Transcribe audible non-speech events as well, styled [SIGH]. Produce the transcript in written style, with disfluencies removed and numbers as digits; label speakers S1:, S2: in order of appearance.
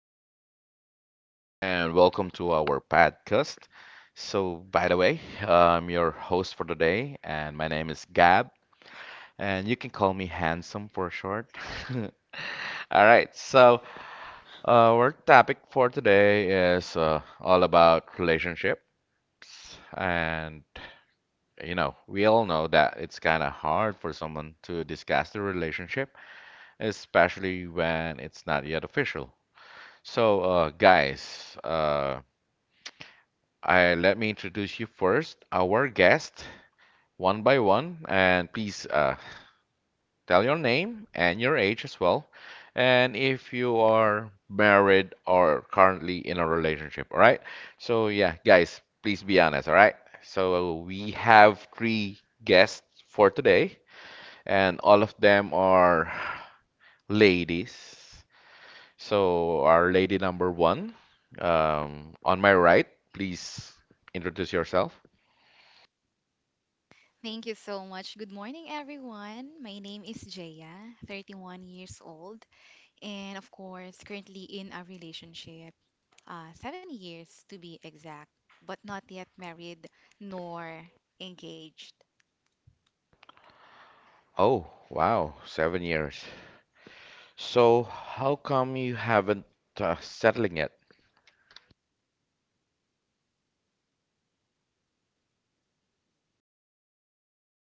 S1: morning, everyone, and welcome to our podcast. I'm your host for the day, and my name is Gab, and you can call me Handsome for short. [LAUGHS] All right. So, our topic for today is all about relationship, and we all know that it's kind of hard for someone to discuss the relationship, especially when it's not yet official. So, guys, let me introduce you first, our guest, one by one, and please tell your name and your age as well, and if you are married or currently in a relationship, all right? So, yeah, guys, please be honest, all right? So, we have three guests for today, and all of them are [SIGHS] ladies. So, our lady number one, on my right, please introduce yourself.
S2: Thank you so much. Good morning, everyone. My name is Jaya, 31 years old, and of course, currently in a relationship, 7 years to be exact, but not yet married nor engaged.
S1: Oh, wow, 7 years. So how come you haven't settling it?